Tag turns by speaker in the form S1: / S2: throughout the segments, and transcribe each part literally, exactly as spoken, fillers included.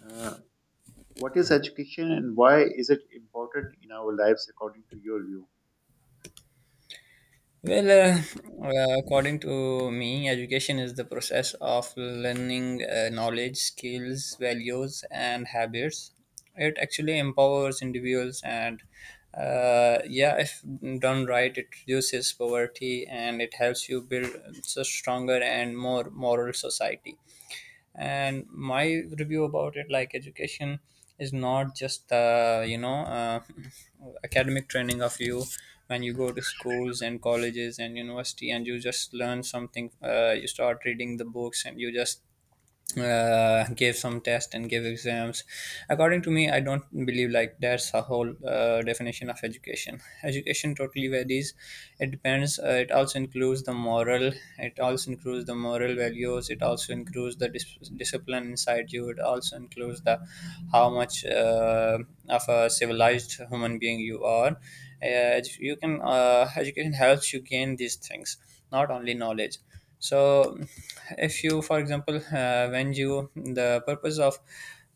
S1: Uh, what is education and why is it important in our lives according to your view?
S2: Well, uh, uh, according to me, education is the process of learning uh, knowledge, skills, values, and habits. It actually empowers individuals, and uh, yeah, if done right, it reduces poverty and it helps you build a stronger and more moral society. And my review about it, like, education is not just the you know uh, academic training of you, when you go to schools and colleges and university, and you just learn something, uh, you start reading the books, and you just uh, give some tests and give exams. According to me, I don't believe like that's a whole uh, definition of education. Education totally varies. It depends. Uh, it also includes the moral, it also includes the moral values, it also includes the dis- discipline inside you, it also includes the how much uh, of a civilized human being you are. Uh, you can uh, education helps you gain these things, not only knowledge. So if you, for example, uh, when you, the purpose of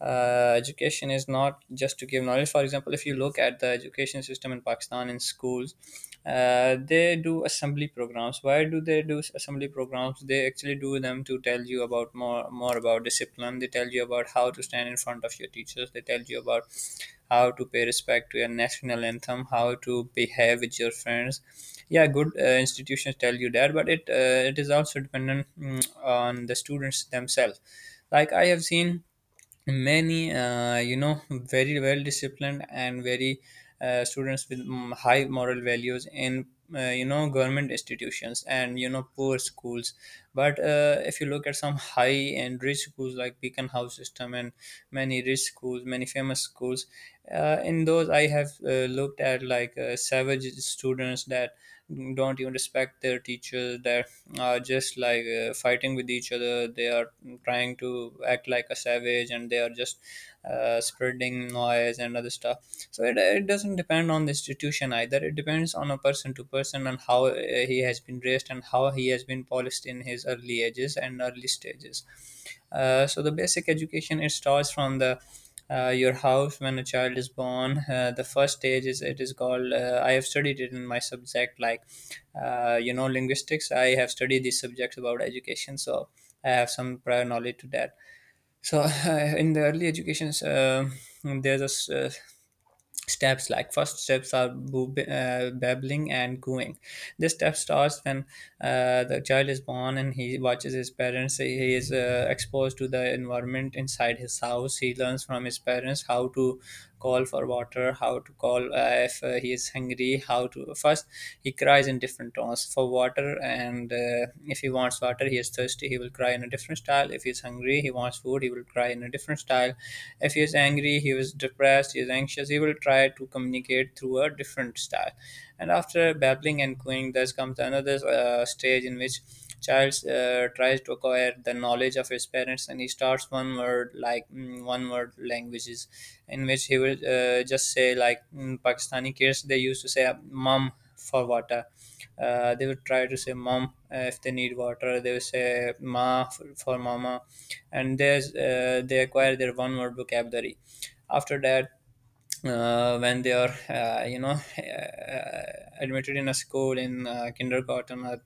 S2: uh, education is not just to give knowledge. For example, if you look at the education system in Pakistan, in schools, uh, they do assembly programs. Why do they do assembly programs? They actually do them to tell you about more more about discipline. They tell you about how to stand in front of your teachers. They tell you about how to pay respect to your national anthem, how to behave with your friends. Yeah, good uh, institutions tell you that, but it uh, it is also dependent mm, on the students themselves. Like, I have seen many uh, you know very well disciplined and very uh, students with mm, high moral values in uh, you know government institutions and you know poor schools, but uh, if you look at some high and rich schools like Beacon House System, and many rich schools, many famous schools, uh, in those I have uh, looked at, like, uh, savage students that don't even respect their teachers, that are just like uh, fighting with each other, they are trying to act like a savage, and they are just uh, spreading noise and other stuff. So it, it doesn't depend on the institution either. It depends on a person to person, and how uh, he has been raised and how he has been polished in his early ages and early stages. Uh, so the basic education, it starts from the uh, your house when a child is born. Uh, the first stage is it is called. Uh, I have studied it in my subject, like uh, you know linguistics. I have studied these subjects about education, so I have some prior knowledge to that. So in the early educations, um there's a s- uh, steps, like, first steps are boob- uh, babbling and cooing. This step starts when uh, the child is born, and he watches his parents. He is uh, exposed to the environment inside his house. He learns from his parents how to call for water, how to call, uh, if uh, he is hungry, how to first. He cries in different tones for water, and uh, if he wants water, he is thirsty, he will cry in a different style. If he is hungry, he wants food, he will cry in a different style. If he is angry, he was depressed, he is anxious, he will try to communicate through a different style. And after babbling and cooing, there comes another uh, stage in which child uh, tries to acquire the knowledge of his parents, and he starts one word, like, mm, one word languages, in which he will uh, just say, like, mm, Pakistani kids, they used to say mom for water. Uh, they would try to say mom uh, if they need water, they would say ma for, for mama. And there's uh, they acquire their one word vocabulary. After that, uh, when they are uh, you know uh, admitted in a school, in uh, kindergarten or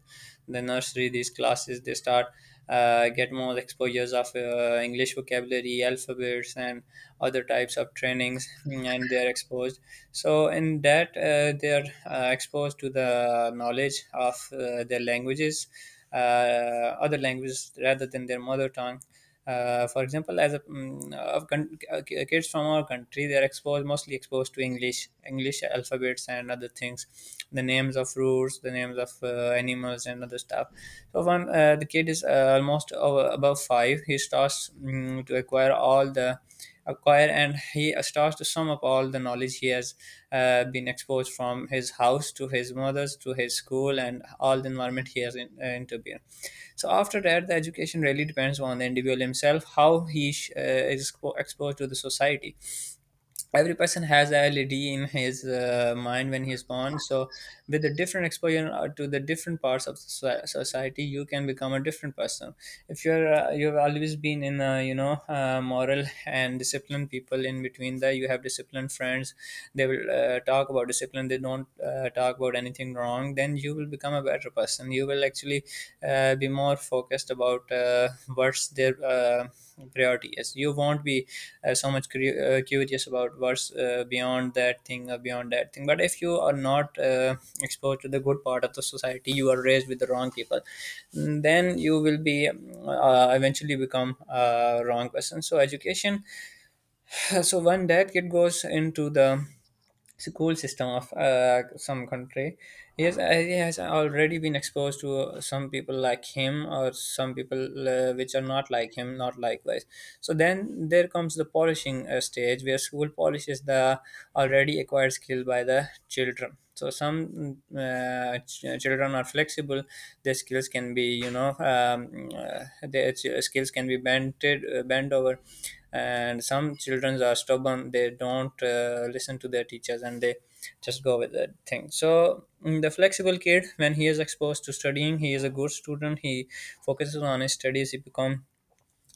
S2: the nursery, these classes, they start uh, get more exposures of uh, English vocabulary, alphabets, and other types of trainings, and they are exposed. So in that, uh, they are uh, exposed to the knowledge of uh, their languages, uh, other languages rather than their mother tongue. Uh, for example, as a, mm, of con- uh, kids from our country, they are exposed mostly exposed to english english alphabets and other things, the names of fruits, the names of uh, animals and other stuff. So when uh, the kid is uh, almost uh, above five, he starts mm, to acquire all the acquire, and he starts to sum up all the knowledge he has uh, been exposed from his house, to his mother's, to his school, and all the environment he has in, uh, intervened. So after that, the education really depends on the individual himself, how he sh- uh, is expo- exposed to the society. Every person has a led in his uh, mind when he's born. So with the different exposure uh, to the different parts of the soci- society, you can become a different person. If you're uh, you've always been in a you know uh, moral and disciplined people, in between that you have disciplined friends, they will uh, talk about discipline, they don't uh, talk about anything wrong, then you will become a better person. You will actually uh, be more focused about uh, what's their uh, priority is. You won't be uh, so much curi- uh, curious about what's uh, beyond that thing or beyond that thing. But if you are not uh, exposed to the good part of the society, you are raised with the wrong people, then you will be um, uh, eventually become a wrong person. So education. So one that kid goes into the school system of uh, some country. Yes, uh, he has already been exposed to some people like him, or some people uh, which are not like him, not likewise. So then there comes the polishing uh, stage where school polishes the already acquired skill by the children. So some uh, ch- uh, children are flexible. Their skills can be, you know um, uh, their ch- skills can be bent uh, bent over. And some children are stubborn, they don't uh, listen to their teachers, and they just go with that thing. So mm, the flexible kid, when he is exposed to studying, he is a good student, he focuses on his studies, he becomes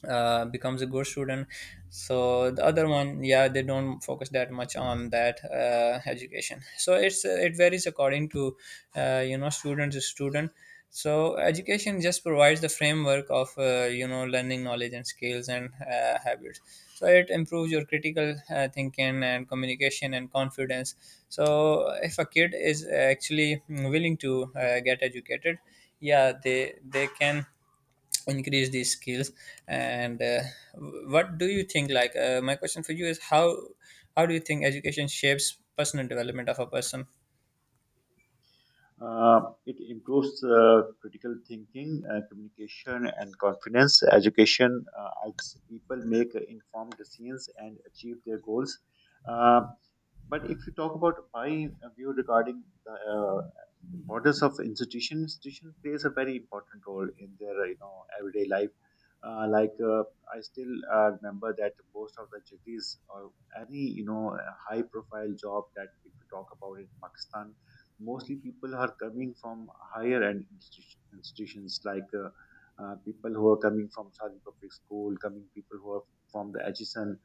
S2: uh, becomes a good student. So the other one, yeah, they don't focus that much on that uh, education. So it's uh, it varies according to uh, you know student to student. So education just provides the framework of uh, you know learning knowledge and skills and uh, habits. So it improves your critical uh, thinking and communication and confidence. So if a kid is actually willing to uh, get educated, yeah, they they can increase these skills. And uh, what do you think, like, uh, my question for you is, how how do you think education shapes personal development of a person?
S1: Uh, it improves uh, critical thinking, uh, communication, and confidence. Education uh, helps people make informed decisions and achieve their goals. Uh, but if you talk about my uh, view regarding the uh, importance of institution, institution plays a very important role in their uh, you know everyday life. Uh, like, uh, I still uh, remember that most of the cities or any you know high profile job that if you talk about in Pakistan, mostly people are coming from higher end institu- institutions like uh, uh, people who are coming from Saudi public school, coming people who are from the H S N.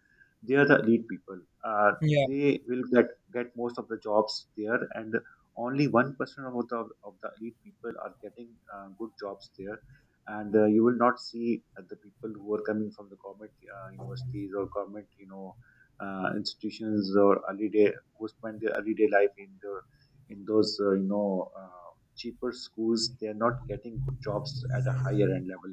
S1: They are the elite people. Uh,
S2: Yeah,
S1: they will get get most of the jobs there, and only one percent of the of the elite people are getting uh, good jobs there. And uh, you will not see uh, the people who are coming from the government uh, universities or government, you know, uh, institutions or early day, who spend their early day life in the in those uh, you know uh, cheaper schools. They are not getting good jobs at a higher end level,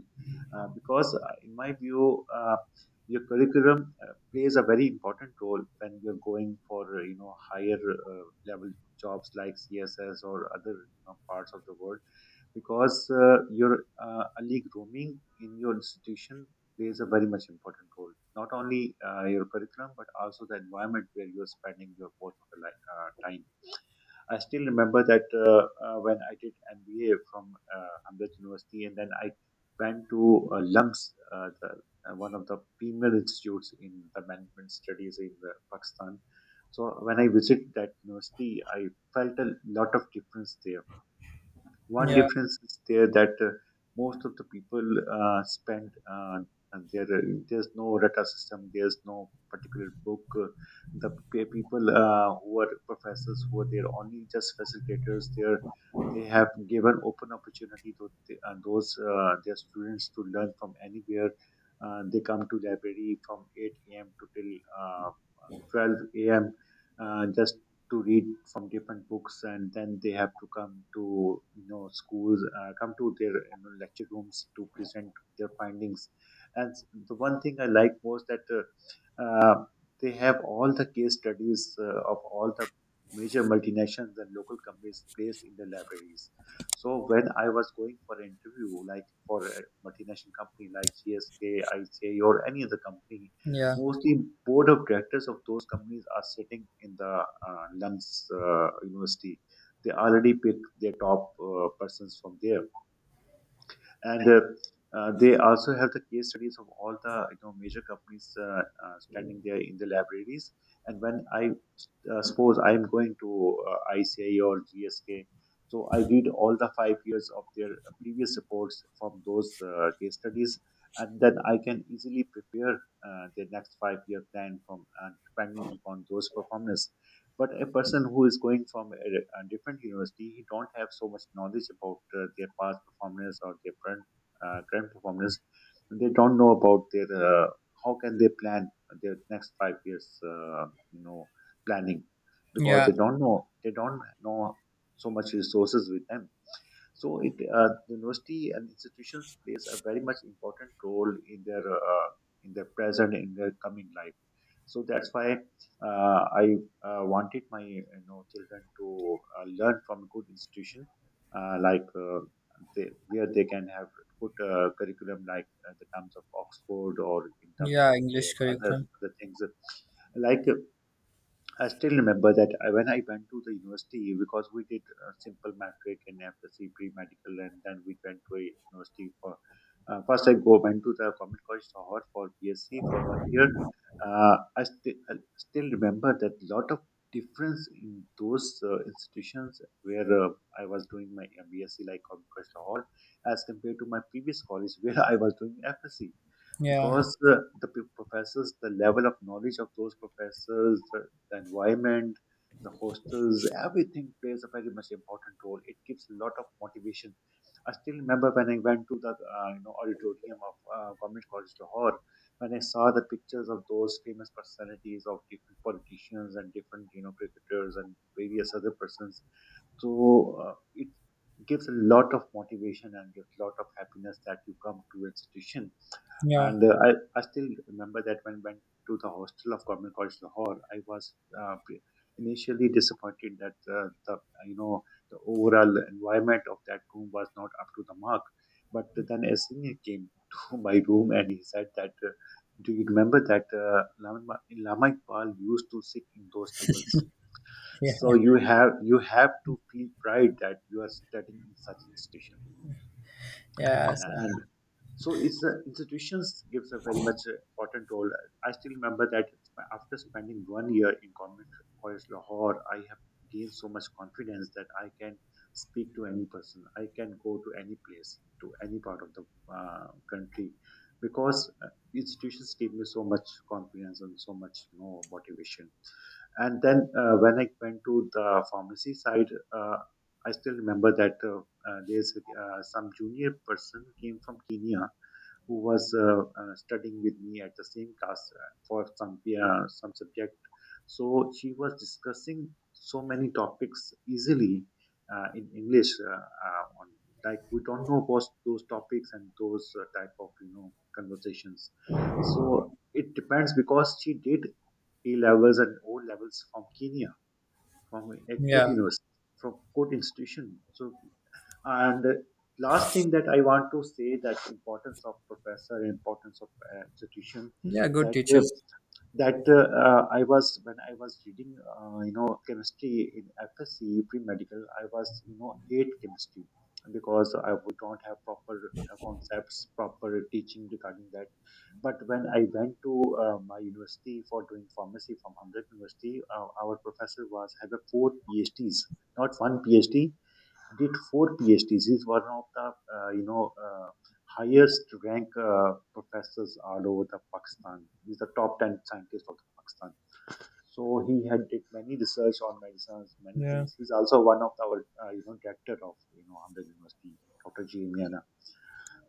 S1: uh, because uh, in my view, uh, your curriculum uh, plays a very important role when you're going for uh, you know higher uh, level jobs like C S S or other, you know, parts of the world, because uh, your uh, early grooming in your institution plays a very much important role, not only uh, your curriculum but also the environment where you're spending your most of the li- uh, time. I still remember that, uh, uh, when I did M B A from uh, Amrit University, and then I went to uh, LUMS, uh, the, uh, one of the premier institutes in the management studies in uh, Pakistan. So when I visited that university, I felt a lot of difference there. One
S2: yeah,
S1: difference is there that, uh, most of the people uh, spend, uh, and there, uh, there's no reta system, there's no particular book. Uh, the pe- people uh, who are professors who are there only just facilitators. They're they have given open opportunity to th- uh, those uh, their students to learn from anywhere. Uh, they come to library from eight a m to till uh, twelve a m. Uh, just to read from different books, and then they have to come to you know schools, uh, come to their, you know, lecture rooms, to present their findings. And s- the one thing I like was that, uh, uh, they have all the case studies uh, of all the major multinationals and local companies placed in the libraries. So when I was going for an interview, like for a multinational company like csk ica or any other company,
S2: yeah,
S1: mostly board of directors of those companies are sitting in the uh, London's uh, university. They already pick their top uh, persons from there, and uh, uh, they also have the case studies of all the you know major companies uh, uh, standing there in the libraries. And when I, uh, suppose I am going to uh, I C I or G S K. So I read all the five years of their previous reports from those uh, case studies, and then I can easily prepare uh, their next five-year plan from, uh, depending upon those performance. But a person who is going from a, a different university, he don't have so much knowledge about uh, their past performance or their current uh, current performance. They don't know about their, uh, how can they plan their next five years. Uh, you know Planning, because
S2: yeah.
S1: they don't know they don't know so much resources with them. So it uh, the university and institutions plays a very much important role in their, uh, in their present, in their coming life. So that's why uh, I uh, wanted my you know children to uh, learn from good institution, uh, like uh, they, where they can have good uh, curriculum, like uh, the terms of Oxford or in terms
S2: Yeah,
S1: of
S2: English
S1: uh, other
S2: curriculum.
S1: other things. Like, I still remember that, I- when I went to the university, because we did a simple matric and F S C pre-medical, and then we went to a university for, uh, first I go went to the Government College Lahore for B S C for one year. Uh, I, sti- I still remember that lot of difference in those uh, institutions where, uh, I was doing my B S C, like Government College Lahore, as compared to my previous college where I was doing F S C.
S2: Yeah,
S1: Because uh, the p- professors, the level of knowledge of those professors, the, the environment, the hostels, everything plays a very much important role. It gives a lot of motivation. I still remember when I went to the uh, you know auditorium of uh, Government College Lahore, when I saw the pictures of those famous personalities of different politicians and different you know cricketers and various other persons. So uh, it gives a lot of motivation and gives a lot of happiness that you come to institution.
S2: yeah,
S1: And uh, I, I still remember that when I went to the hostel of Government College Lahore, I was uh, pre- initially disappointed that uh, the uh, you know the overall environment of that room was not up to the mark. But then a senior came to my room and he said that, uh, "Do you remember that, uh, Lama, Lama Iqbal used to sit in those tables?
S2: yeah,
S1: So you have you have to feel pride that you are studying in such institution."
S2: yeah. So-
S1: So it's the institutions gives a very much uh, important role. I still remember that, sp- after spending one year in Government College Lahore, I have gained so much confidence that I can speak to any person. I can go to any place, to any part of the uh, country, because uh, institutions gave me so much confidence and so much, you know, motivation. And then uh, when I went to the pharmacy side, uh, I still remember that, uh, uh, there's uh, some junior person came from Kenya who was uh, uh, studying with me at the same class uh, for some uh, some subject. So she was discussing so many topics easily, uh, in English. Uh, uh, on, like, we don't know those those topics and those uh, type of you know conversations. So it depends, because she did A levels and O levels from Kenya, from a good
S2: yeah,
S1: university, from good institution. So, and the last thing that I want to say, that importance of professor, importance of uh, institution.
S2: yeah. Good
S1: That uh,
S2: teachers.
S1: that uh, uh, I was, when I was reading, uh, you know, chemistry in F S C pre medical. I was, you know hate chemistry, because I would not have proper uh, concepts, proper teaching regarding that. But when I went to uh, my university for doing pharmacy from Hamdard University, uh, our professor was had a four P H Ds, not one P H D, did four P H Ds. He's one of the uh, you know uh, highest rank uh, professors all over the Pakistan. He's the top ten scientist of Pakistan. So he had did many research on medicines, many
S2: Yeah.
S1: things. He's also one of our uh, you know director of you know Hamdard University, doctor G. Miana.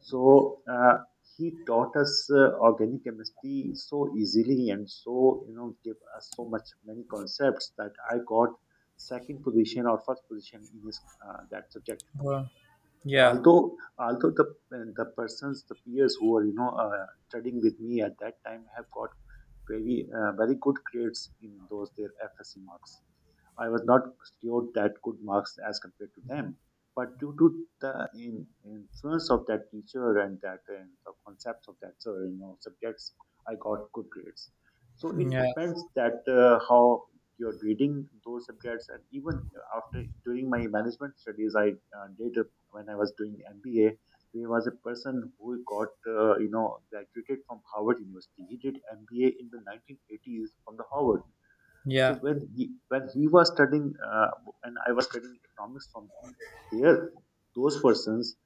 S1: So uh, he taught us uh, organic chemistry so easily, and so you know give us so much many concepts that I got second position or first position in his uh, that subject.
S2: Well, yeah,
S1: Although although the the persons, the peers who are you know uh, studying with me at that time have got very uh, very good grades in those their F S C marks. I was not secured that good marks as compared to them. But due to the in, influence of that teacher and that, uh, the concepts of that uh, you know subjects, I got good grades. So it
S2: yeah,
S1: depends that, uh, how you're reading those subjects. And even after, during my management studies, I uh, did uh, when I was doing M B A. There was a person who got, uh, you know graduated from Harvard University. He did M B A in the nineteen eighties from the Harvard. So
S2: yeah.
S1: when he when he was studying, uh, and I was studying economics from there, those persons,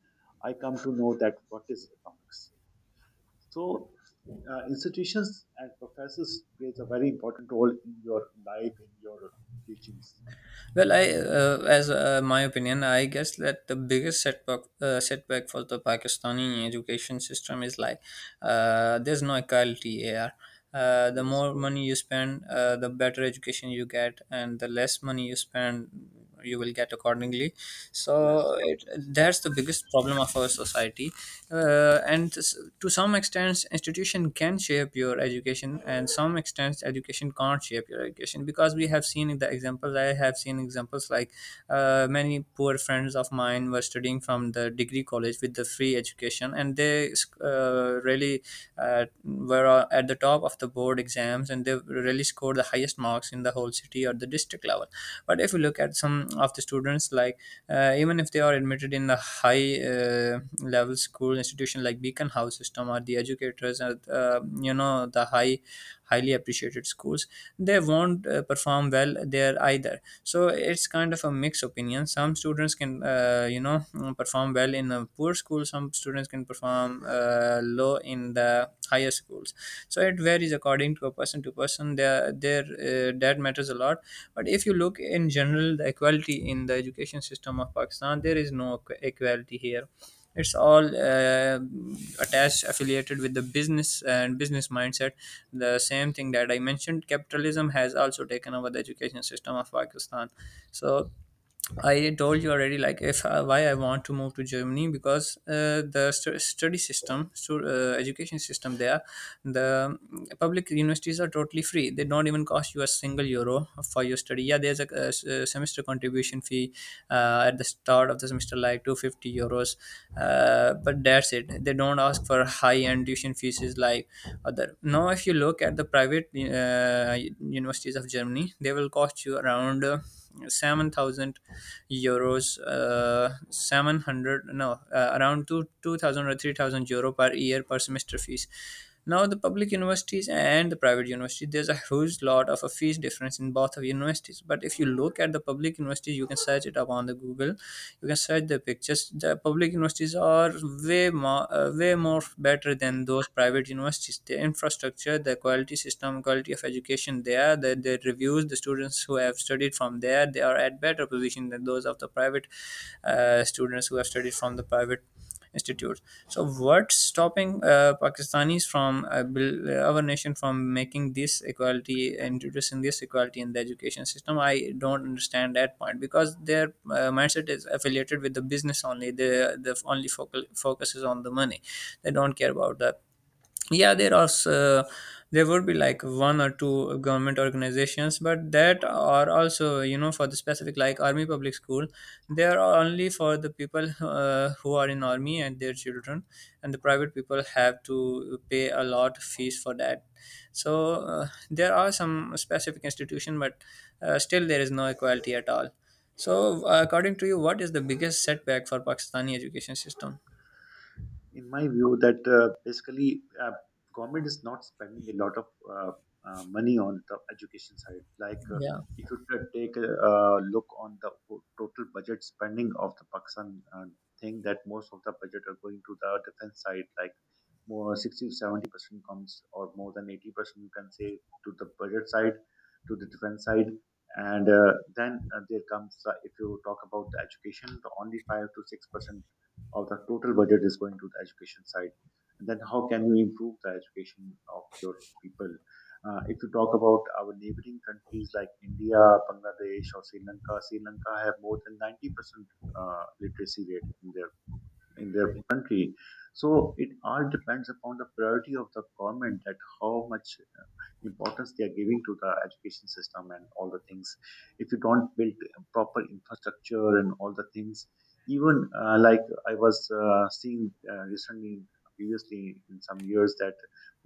S1: I come to know that what is economics. So, uh, institutions and professors plays a very important role in your life, in your teachings.
S2: Well, I, uh, as uh, my opinion, I guess that the biggest setback uh, setback for the Pakistani education system is, like, uh, there's no equality here. Uh, the
S1: Yes,
S2: more money you spend, uh, the better education you get, and the less money you spend, you will get accordingly.
S1: yes.
S2: So it, that's the biggest problem of our society. Uh, and s- to some extent, institution can shape your education, and some extent, education can't shape your education, because we have seen the examples, I have seen examples, like, uh, many poor friends of mine were studying from the degree college with the free education, and they and they uh, really uh, were uh, at the top of the board exams, and they really scored the highest marks in the whole city or the district level. But if you look at some of the students, like, uh, even if they are admitted in the high uh, level school institution like Beacon House System or the Educators, or uh, you know the high highly appreciated schools, they won't uh, perform well there either. So it's kind of a mixed opinion. Some students can, uh, you know mm, perform well in a poor school, some students can perform uh, low in the higher schools. So it varies according to a person to person. There there, uh, that matters a lot. But if you look in general, the equality in the education system of Pakistan, there is no equ- equality here. It's all uh, attached, affiliated with the business and business mindset. The same thing that I mentioned, capitalism has also taken over the education system of Pakistan. So I told you already, like, if uh, why I want to move to Germany, because uh, The stu- study system, stu- uh, education system there, the mm, public universities are totally free. They don't even cost you a single euro for your study. Yeah, there's a, a s- a semester contribution fee uh, at the start of the semester, like two hundred fifty euros, uh, but that's it. They don't ask for high end tuition fees like other. Now, if you look at the private uh, universities of Germany, they will cost you around. Uh, seven thousand euros, uh, seven hundred no, uh, around two, 2000 or three thousand euro per year per semester fees. Now, the public universities and the private university, there's a huge lot of a fees difference in both of universities. But if you look at the public universities, you can search it up on the Google. You can search at the pictures, the public universities are way more uh, way more better than those private universities. The infrastructure, the quality system, quality of education there, the, the reviews, the students who have studied from there, they are at better position than those of the private uh, students who have studied from the private Institutes. So, what's stopping uh, Pakistanis from uh, bil- our nation from making this equality, introducing this equality in the education system? I don't understand that point because their uh, mindset is affiliated with the business only. The the only focal, focus is on the money. They don't care about the yeah there are s- uh, there would be like one or two government organizations but that are also you know for the specific like army public school. They are only for the people uh, who are in army and their children, and the private people have to pay a lot of fees for that. So uh, there are some specific institution but uh, still there is no equality at all. So uh, according to you what is the biggest setback for Pakistani education system?
S1: In my view, that uh, basically, uh, government is not spending a lot of uh, uh, money on the education side, like uh,
S2: Yeah,
S1: if you ta- take a uh, look on the o- total budget spending of the Pakistan uh, thing, that most of the budget are going to the defense side, like more sixty to seventy percent comes, or more than eighty percent you can say, to the budget side, to the defense side. And uh, then uh, there comes, uh, if you talk about the education, the only five to six percent of the total budget is going to the education side. And then how can you improve the education of your people? Uh, if you talk about our neighboring countries like India, Bangladesh, or Sri Lanka. Sri Lanka have more than ninety percent uh, literacy rate in their in their country. So it all depends upon the priority of the government, that how much uh, importance they are giving to the education system and all the things. If you don't build proper infrastructure and all the things, even uh, like, I was uh, seeing uh, recently, previously in some years, that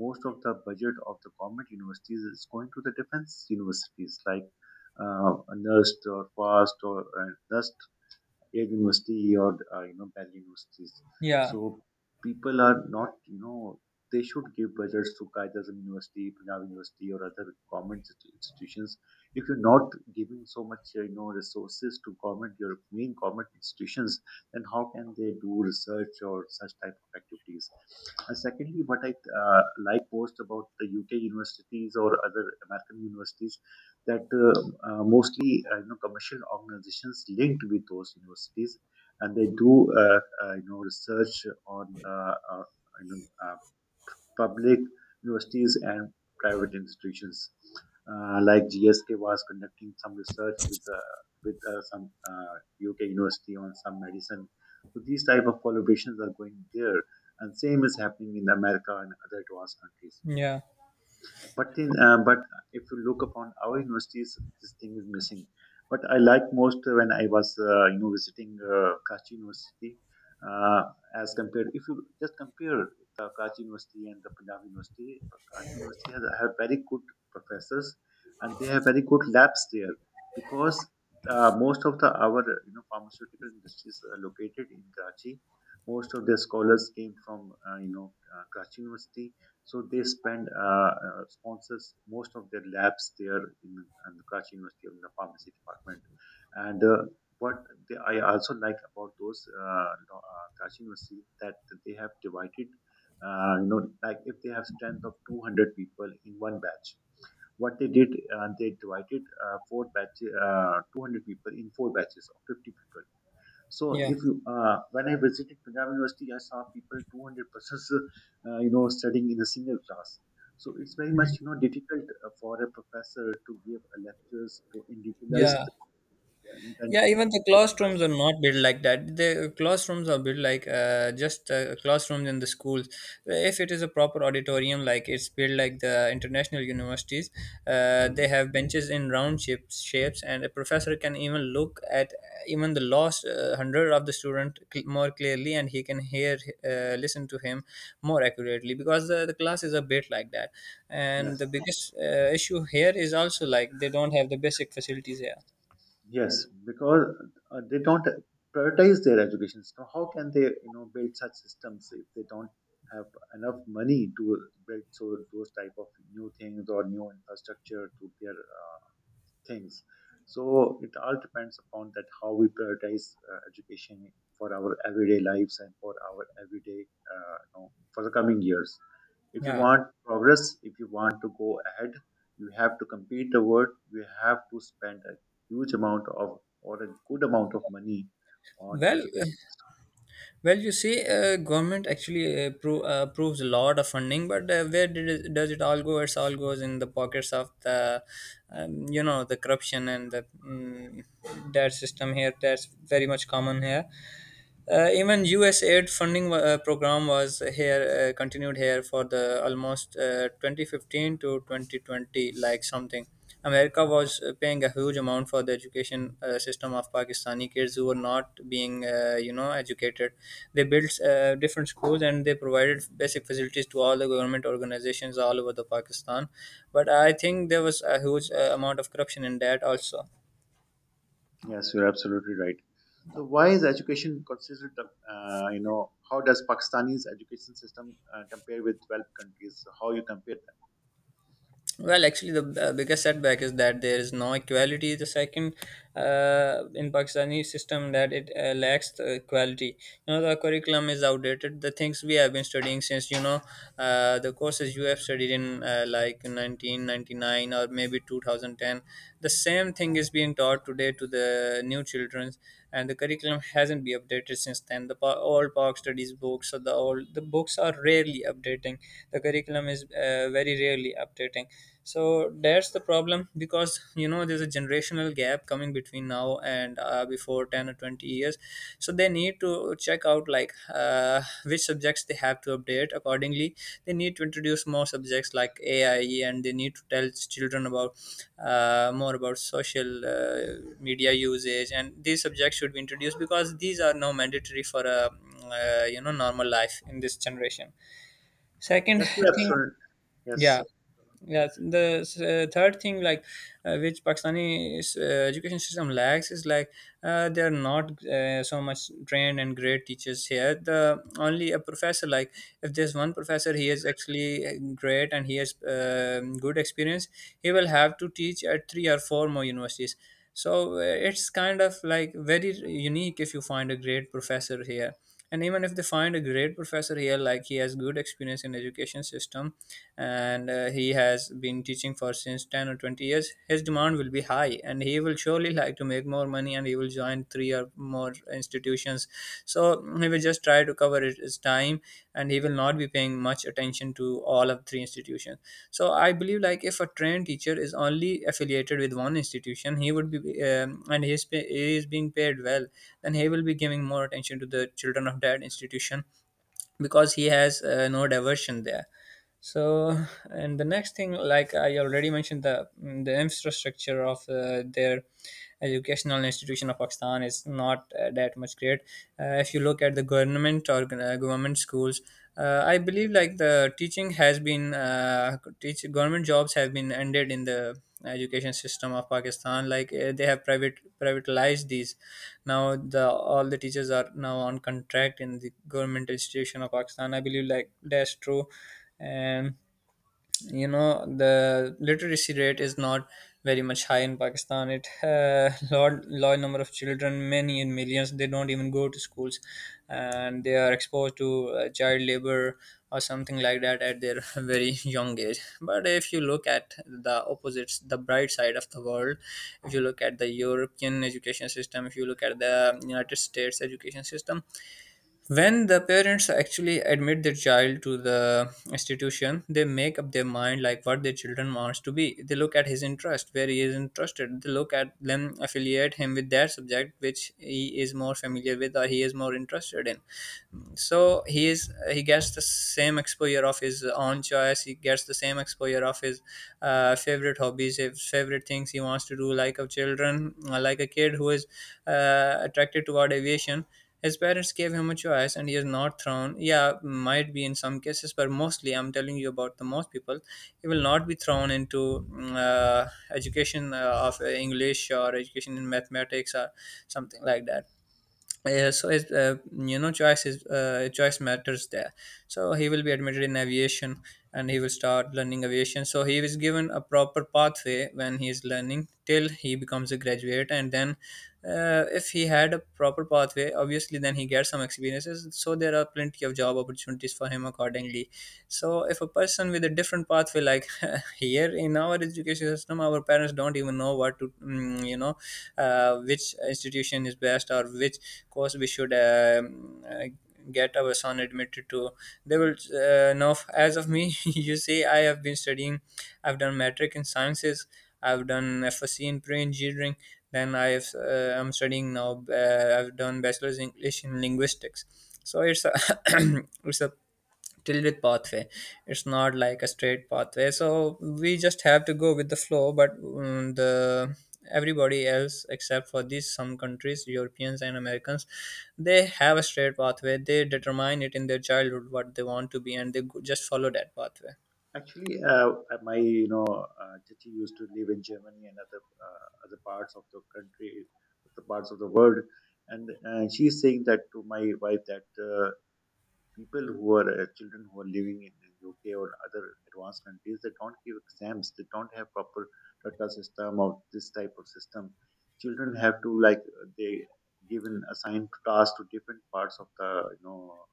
S1: most of the budget of the government universities is going to the defense universities, like uh, NUST or FAST or uh, NUST, air university, or uh, you know bell universities.
S2: yeah,
S1: So people are not, you know they should give budgets to Qaeda Azam University, Punjab University, or other government inst- institutions. If you're not giving so much, uh, you know, resources to government, your main government institutions, then how can they do research or such type of activities? And secondly, what I uh, like most about the U K universities or other American universities, that uh, uh, mostly, uh, you know commercial organizations linked with those universities, and they do uh, uh, you know research on the uh, you know uh, public universities and private institutions. Uh, like, G S K was conducting some research with uh, with uh, some uh, U K university on some medicine. So these type of collaborations are going there, and same is happening in America and other advanced countries.
S2: yeah,
S1: But in, uh, but if you look upon our universities, this thing is missing. But I like most when I was uh, you know visiting uh, Karachi University, uh, as compared. If you just compare the Karachi University and the Punjab University, Karachi University has have very good professors, and they have very good labs there, because uh, most of the our you know pharmaceutical industries are located in Karachi. Most of their scholars came from uh, you know uh, Karachi University, so they spend uh, uh, sponsors most of their labs there in, in the Karachi University, in the pharmacy department. And uh, what they, I also like about those uh, lo- uh, Karachi University, that they have divided, uh, you know, like, if they have strength of two hundred people in one batch. What they did, uh, they divided uh, four batches, uh, two hundred people in four batches of fifty people. So
S2: yeah,
S1: if you uh, when I visited Punjab University, I saw people two hundred persons, uh, you know, studying in a single class. So it's very much, you know difficult uh, for a professor to give a lectures, to individualize
S2: yeah.
S1: the uh,
S2: Yeah,
S1: intention
S2: even the
S1: of.
S2: classrooms are not built like that. The classrooms are built like uh, just uh, classrooms in the schools. If it is a proper auditorium, like it's built like the international universities, uh,
S1: Hmm.
S2: they have benches in round shapes, shapes, and a professor can even look at even the last uh, hundred of the student cl- more clearly, and he can hear, uh, listen to him more accurately because the, the class is a bit like that. And
S1: Yes,
S2: the biggest uh, issue here is also like they don't have the basic facilities here.
S1: yes, because uh, they don't prioritize their education. So how can they you know build such systems, if they don't have enough money to build so those type of new things or new infrastructure to their uh, things. So it all depends upon that how we prioritize uh, education for our everyday lives, and for our everyday, uh, you know, for the coming years. If you
S2: Yeah.
S1: want progress, if you want to go ahead, you have to compete the world. You have to spend a huge amount of, or a good amount of money on
S2: Well, uh,
S1: education system.
S2: well, you see, uh, government actually uh, pro- uh, approves a lot of funding, but uh, where did it, does it all go? It all goes in the pockets of the, um, you know, the corruption and the mm, that system here. That's very much common here. Uh, even U S aid funding uh, program was here uh, continued here for the almost uh, twenty fifteen to twenty twenty, like something. America was uh, paying a huge amount for the education uh, system of Pakistani kids who were not being, uh, you know, educated. They built uh, different schools and they provided basic facilities to all the government organizations all over the Pakistan. But I think there was a huge uh, amount of corruption in that also.
S1: Yes, you're absolutely right. So why is education considered, the, uh, you know, how does Pakistani's education system uh, compare with twelve countries? So, how you compare.
S2: Well, actually, the uh, biggest setback is that there is no equality. The second, uh, in Pakistani system, that it uh, lacks the equality. You know, the curriculum is outdated. The things we have been studying since you know, uh, the courses you have studied in uh, like nineteen ninety-nine or maybe two thousand ten, the same thing is being taught today to the new children, and the curriculum hasn't been updated since then. The pa- old Pak studies books or the old the books are rarely updating. The curriculum is is uh, very rarely updating. So that's the problem because you know there's a generational gap coming between now and uh, before ten or twenty years. So they need to check out like uh, which subjects they have to update accordingly. They need to introduce more subjects like AI and they need to tell children about uh, more about social uh, media usage, and these subjects should be introduced because these are now mandatory for a uh, you know normal life in this generation. Second
S1: Yes, you're
S2: thing,
S1: absolutely.
S2: yeah.
S1: Yes,
S2: Yes, the uh, third thing, like uh, which Pakistani uh, education system lacks, is like uh, they are not uh, so much trained and great teachers here. The only a professor, like if there's one professor, he is actually uh, great and he has um good experience. He will have to teach at three or four more universities. So uh, it's kind of like very unique if you find a great professor here, and even if they find a great professor here like he has good experience in education system, and uh, he has been teaching for since ten or twenty years, his demand will be high and he will surely like to make more money and he will join three or more institutions. So he will just try try to cover it his time, and he will not be paying much attention to all of three institutions. So I believe like if a trained teacher is only affiliated with one institution he would be, um, and he is, pay, he is being paid well, then he will be giving more attention to the children of that institution because he has uh, no diversion there. So and the next thing like I already mentioned the mm, the infrastructure of uh, their educational institution of Pakistan is not uh, that much great. Uh, if you look at the government or uh, government schools, uh, I believe like the teaching has been uh, teach government jobs have been ended in the education system of Pakistan like uh, they have private privatized these. Now the all the teachers are now on contract in the government institution of Pakistan, I believe like that's true. And you know the literacy rate is not very much high in Pakistan. It uh, large, large number of children many in millions, they don't even go to schools, and they are exposed to uh, child labor or something like that at their very young age. But if you look at the opposites, the bright side of the world, if you look at the European education system, if you look at the United States education system, when the parents actually admit their child to the institution they make up their mind like what their children wants to be. They look at his interest where he is interested. They look at them, affiliate him with that subject which he is more familiar with or he is more interested in. So he is he gets the same exposure of his own choice. He gets the same exposure of his uh, favorite hobbies, his favorite things he wants to do. Like a children uh, like a kid who is uh, attracted toward aviation, his parents gave him a choice and he is not thrown. Yeah might be in some cases but mostly I'm telling you about the most people. He will not be thrown into mm, uh, education uh, of English or education in mathematics or something like that. uh, so it's, uh, you know choice is uh, choice matters there. So he will be admitted in aviation and he will start learning aviation. So he is given a proper pathway when he is learning till he becomes a graduate, and then uh, if he had a proper pathway obviously then he gets some experiences. So there are plenty of job opportunities for him accordingly. So if a person with a different pathway, like here in our education system our parents don't even know what to mm, you know uh, which institution is best or which course we should um, uh, get our son admitted to. They will uh, know as of me. You see I have been studying, I've done metric in sciences, I've done fsc in pre-engineering. Then I have uh, I'm studying now uh, I've done bachelor's english in linguistics. So it's a it's a filled with pathway. It's not like a straight pathway. So we just have to go with the flow. But um, the everybody else except for these some countries Europeans and Americans, they have a straight pathway. They determine it in their childhood what they want to be and they go- just follow that pathway.
S1: actually, uh, uh, my, you know, uh, Chichi used to live in Germany and other, uh, other parts of the country, other parts of the world, and uh, she's saying that to my wife, that uh, people who are uh, children who are living in the U K or other advanced countries, they don't give exams, they don't have proper Tata system or this type of system. Children have to, like, they given assigned tasks to different parts of the, you know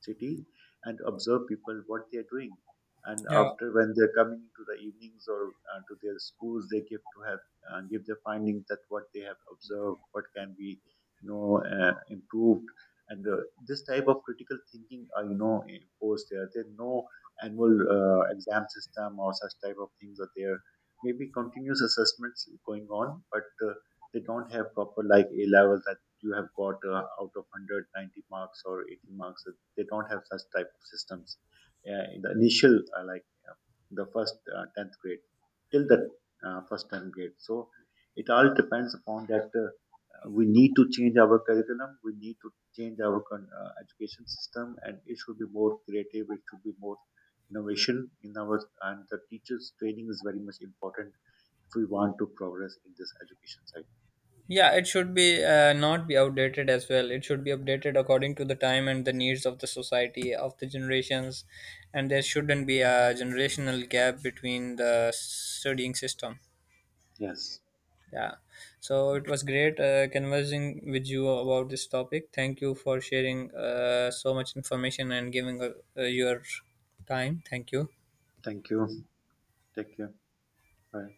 S1: city, and observe people what they are doing. And
S2: Yeah.
S1: after, when they're coming to the evenings or uh, to their schools, they give to have uh, give their findings that what they have observed, what can be you know uh, improved, and uh, this type of critical thinking are, you know imposed there. There's no annual uh, exam system, or such type of things are there. Maybe continuous assessments going on, but uh, they don't have proper, like, A levels, that you have got uh, out of one hundred ninety marks or eighty marks. Uh, they don't have such type of systems uh, in the initial, uh, like uh, the first uh, tenth grade, till the uh, first tenth grade. So it all depends upon that, uh, uh, we need to change our curriculum, we need to change our con- uh, education system, and it should be more creative, it should be more innovation in our. And the teachers training is very much important if we want to progress in this education side.
S2: Yeah, it should be uh, not be outdated as well. It should be updated according to the time and the needs of the society of the generations, and there shouldn't be a generational gap between the studying system.
S1: Yes.
S2: Yeah. So it was great uh, conversing with you about this topic. Thank you for sharing uh, so much information and giving uh, uh, your time. Thank you.
S1: Thank you. Take care. Bye.